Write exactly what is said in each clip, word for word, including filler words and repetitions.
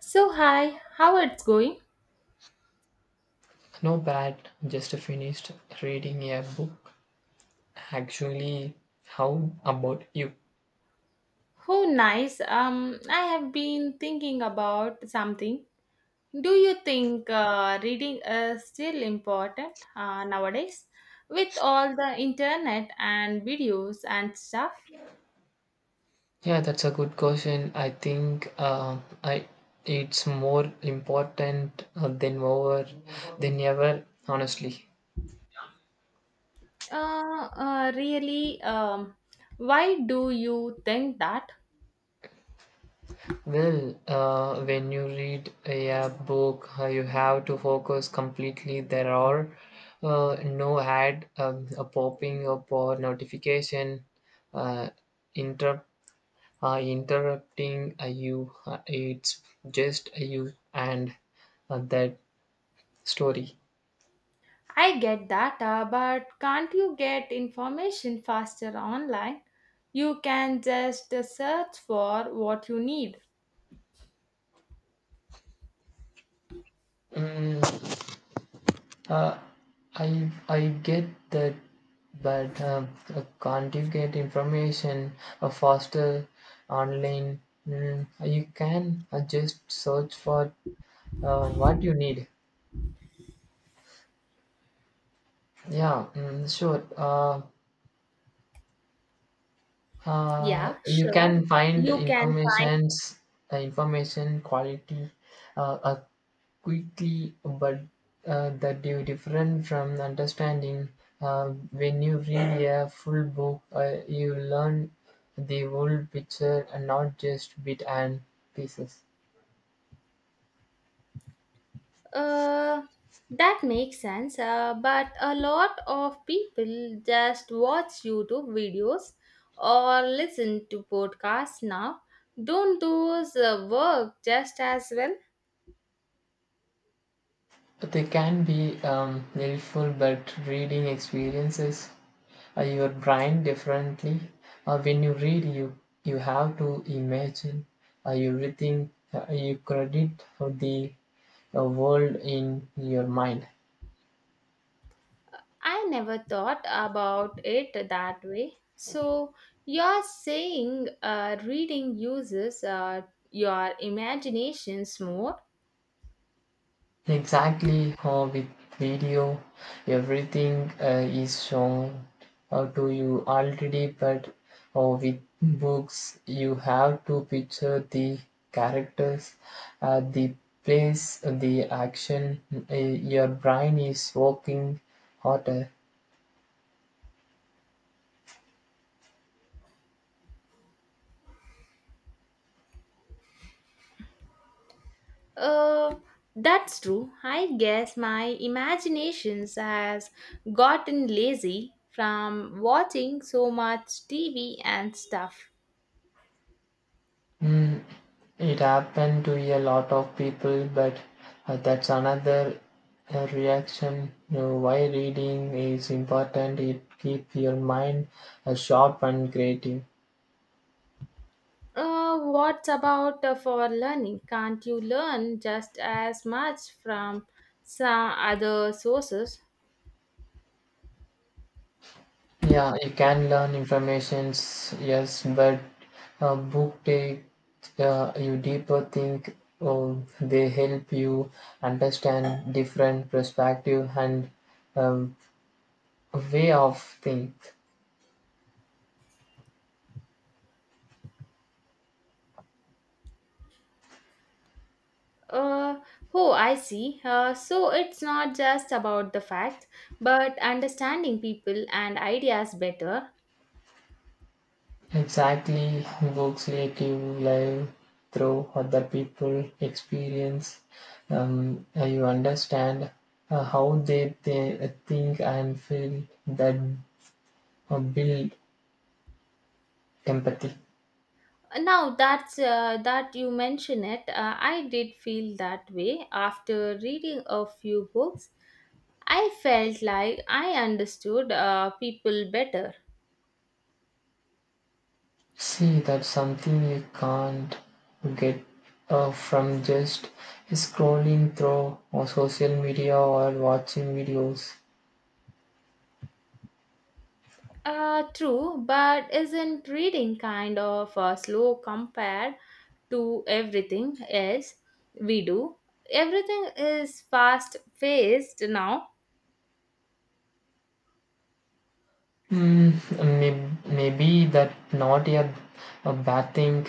So hi, how it's going? Not bad. Just finished reading a book. Actually, how about you? Oh nice. Um I have been thinking about something. Do you think uh, reading is still important uh, nowadays with all the internet and videos and stuff? Yeah, that's a good question. I think uh, I it's more important uh, than over than ever. Honestly, Uh, uh really um Why do you think that? well, uh, when you read a book, uh, you have to focus completely. There are uh, no ad um, a popping up or notification uh, interrupt uh, interrupting uh, you. Uh, it's just you and uh, that story. I get that, uh, but can't you get information faster online? You can just uh, search for what you need. Mm, uh, I I get that, but uh, uh, can't you get information uh, faster online? Mm, you can uh, just search for uh, what you need. Yeah, mm, sure. Uh, uh, Yeah, you sure. can find You can find. informations uh, information quality uh, uh, quickly, but uh, that you different from understanding uh, when you read a full book, uh, you learn the whole picture and not just bit and pieces. Uh, that makes sense. Uh, but a lot of people just watch YouTube videos or listen to podcasts now. Don't those uh, work just as well? They can be um, helpful, but reading experiences uh, your brain differently. Uh, when you read, you you have to imagine uh, everything. Uh, you credit for the uh, world in your mind. I never thought about it that way. So you're saying uh, reading uses uh, your imaginations more. Exactly. Uh, with video, everything uh, is shown uh, to you already, but uh, with books, you have to picture the characters, uh, the place, the action. Uh, your brain is working harder. Uh, that's true. I guess my imaginations has gotten lazy from watching so much T V and stuff. Mm, it happened to a lot of people, but uh, that's another uh, reaction. Uh, why reading is important, it keeps your mind uh, sharp and creative. Uh, what about uh, for learning? Can't you learn just as much from some other sources? Yeah, you can learn informations, yes, but a book take uh, you deeper think. Or they help you understand different perspective and um, way of think. Uh, oh, I see. Uh, so it's not just about the facts, but understanding people and ideas better. Exactly, books let you live through other people' experience. Um, you understand uh, how they, they think and feel that uh, build empathy. Now that's uh, that you mention it, uh, I did feel that way after reading a few books. I felt like I understood uh, people better. See, that's something you can't get uh, from just scrolling through or social media or watching videos. Uh, true, but isn't reading kind of uh, slow compared to everything else we do? Everything is fast paced now. Mm, may- maybe that not a, a bad thing.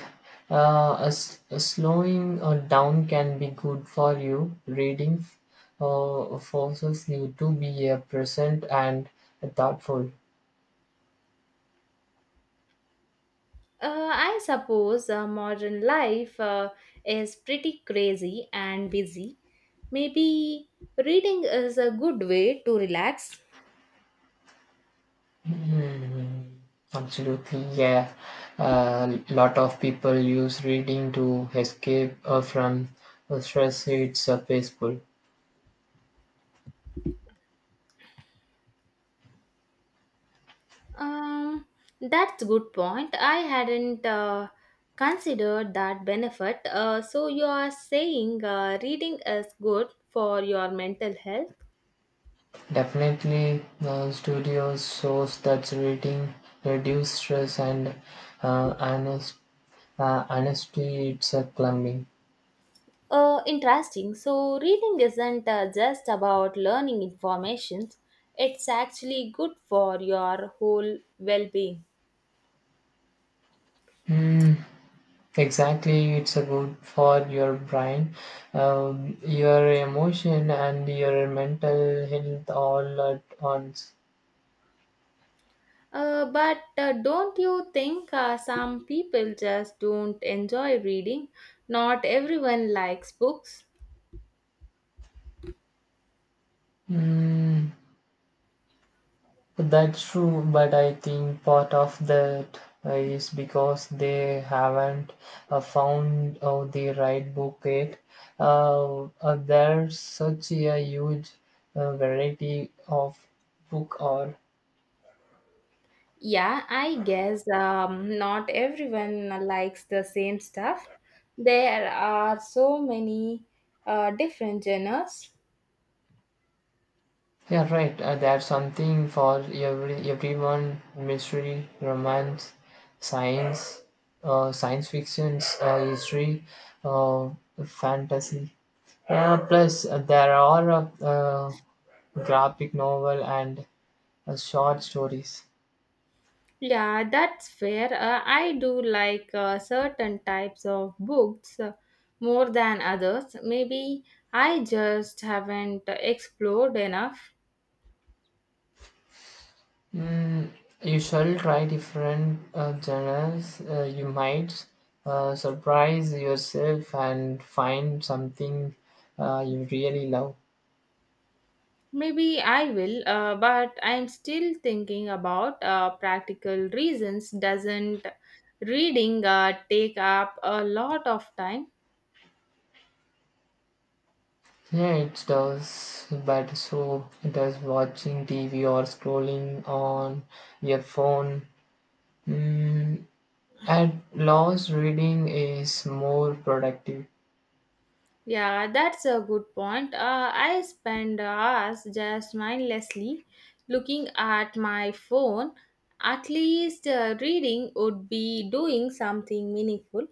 Uh, a, s- a slowing uh, down can be good for you. Reading uh, forces you to be uh, present and thoughtful. Uh, I suppose uh, modern life uh, is pretty crazy and busy. Maybe reading is a good way to relax. Mm, absolutely, yeah. A lot of people use reading to escape uh, from uh, stress. It's uh, peaceful. Um, that's good point. I hadn't uh, considered that benefit. Uh, so you are saying uh, reading is good for your mental health? Definitely, uh, studios shows that reading reduce stress and uh, honest, uh, honesty. It's a plumbing. Uh, interesting. So reading isn't uh, just about learning information. It's actually good for your whole well-being. Hmm. Exactly, it's a good for your brain, um, your emotion, and your mental health all at once. Uh, but uh, don't you think uh, some people just don't enjoy reading? Not everyone likes books. Hmm. That's true, but I think part of that uh, is because they haven't uh, found uh, the right book yet. Uh, uh, there's such a huge uh, variety of book or Yeah, I guess um, not everyone likes the same stuff. There are so many uh, different genres. yeah, right. Uh, there's something for every everyone: mystery, romance, science, uh, science fiction, uh, history, uh, fantasy. Yeah, plus uh, there are uh, graphic novel and uh, short stories. Yeah, that's fair. Uh, I do like uh, certain types of books uh, more than others. Maybe I just haven't explored enough. Mm, you shall try different uh, genres. Uh, you might uh, surprise yourself and find something uh, you really love. Maybe I will, uh, but I'm still thinking about uh, practical reasons. Doesn't reading uh, take up a lot of time? Yeah, it does, but so does watching T V or scrolling on your phone. Mm, at loss, reading is more productive. Yeah, that's a good point. Uh, I spend hours just mindlessly looking at my phone. At least uh, reading would be doing something meaningful.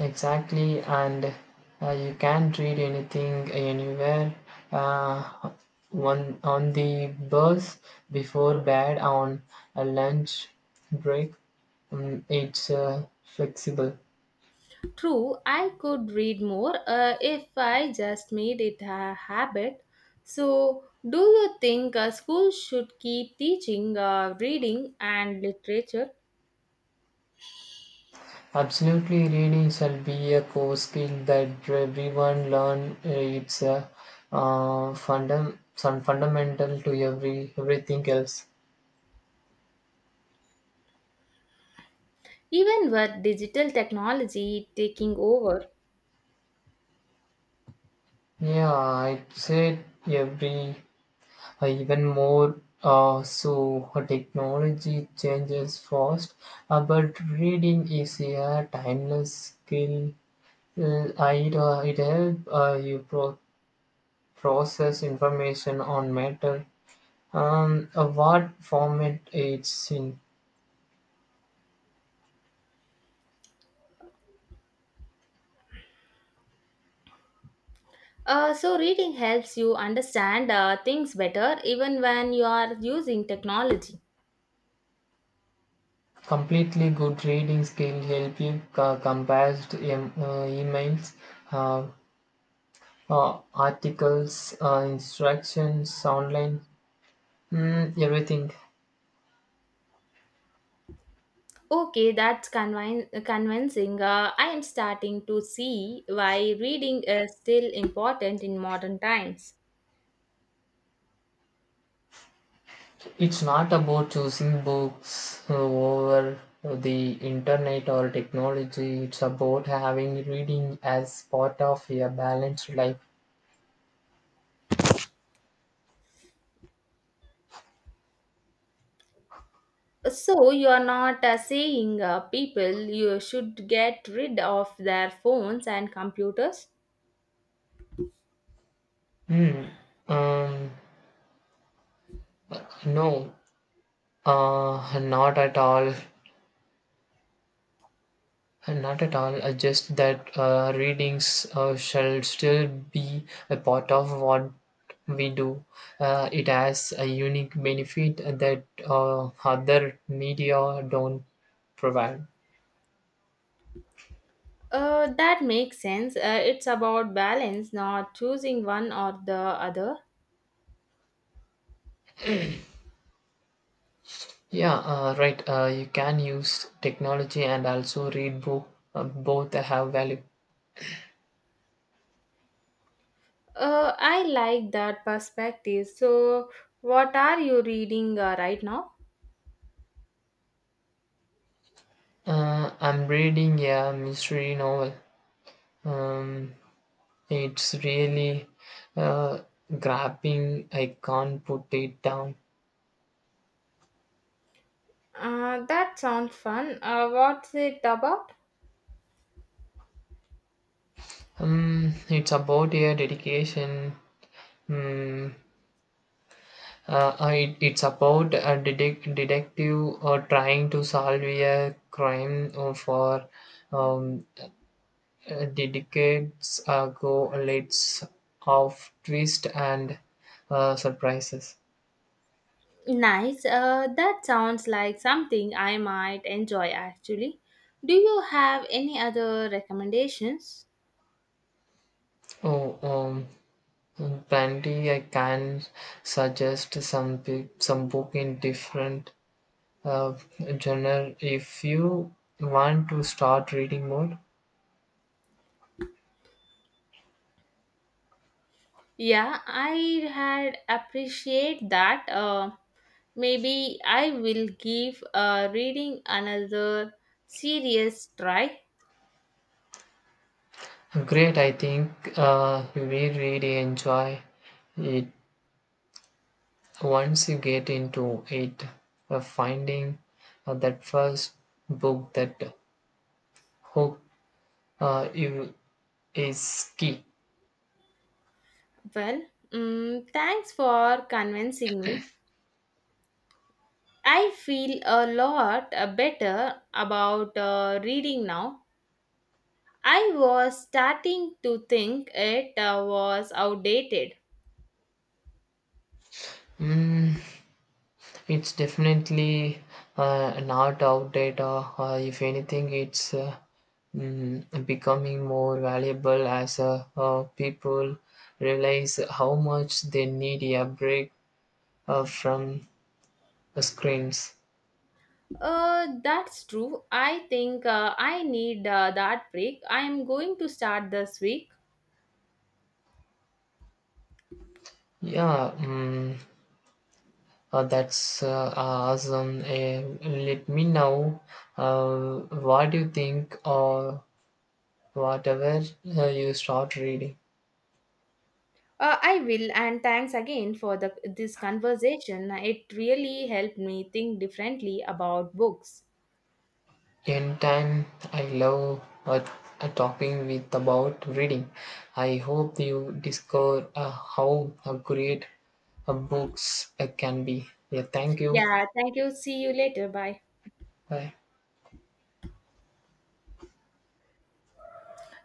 Exactly, and uh, you can't read anything anywhere. Uh, one on the bus, before bed, on a lunch break. Um, it's uh, flexible. True, I could read more uh, if I just made it a habit. So, do you think uh, schools should keep teaching uh, reading and literature Absolutely, reading shall be a core skill that everyone learn. Uh, It's uh, uh, fundam- some fundamental to every everything else. even with digital technology taking over? Yeah, I'd say every Uh, even more uh, so, uh, technology changes fast, uh, but reading is a timeless skill. Uh, it, uh, it helps uh, you pro- process information on matter, Um, uh, what format it's in. Uh, so, reading helps you understand uh, things better even when you are using technology. Completely good reading skill help you co- compare em- uh, emails, uh, uh, articles, uh, instructions online, mm, everything. Okay, that's convin- convincing. Uh, I am starting to see why reading is still important in modern times. It's not about choosing books uh, over the internet or technology. It's about having reading as part of a balanced life. So you are not uh, saying uh, people you should get rid of their phones and computers? Hmm. Um. No. Uh. Not at all. Not at all. Uh, Just that uh, readings uh, shall still be a part of what we do. Uh, it has a unique benefit that uh, other media don't provide. Uh, that makes sense. Uh, it's about balance, not choosing one or the other. Yeah, uh, right. Uh, you can use technology and also read book. Uh, both have value. Uh, I like that perspective. So, what are you reading uh, right now? Uh, I'm reading a mystery novel. Um, it's really uh, grabbing. I can't put it down. Uh, that sounds fun. Uh, what's it about? Um, it's about a dedication. Um, uh, I, it's about a detec- detective or trying to solve a crime or for um, Uh, the decades ago, lots of twists and uh, surprises. Nice. Uh, that sounds like something I might enjoy actually. Do you have any other recommendations? Oh, um, plenty. I can suggest some pe- some book in different uh, genre if you want to start reading more. Yeah, I had appreciate that. Uh, maybe I will give uh, reading another serious try. Great, I think uh, you will really enjoy it once you get into it. Uh, finding uh, that first book that hook uh, you is key. Well, mm, thanks for convincing me. I feel a lot uh, better about uh, reading now. I was starting to think it uh, was outdated. Mm, it's definitely uh, not outdated. Uh, uh, if anything, it's uh, mm, becoming more valuable as uh, uh, people realize how much they need a break uh, from the screens. Uh, that's true. I think uh, I need uh, that break. I am going to start this week. Yeah, mm, uh, that's uh, awesome. Uh, let me know uh, what you think or whatever uh, you start reading. Uh, I will, and thanks again for the, this conversation. It really helped me think differently about books. In time, I love uh, uh, talking with about reading. I hope you discover uh, how uh, great uh, books uh, can be. Yeah, thank you. Yeah, thank you. See you later. Bye. Bye.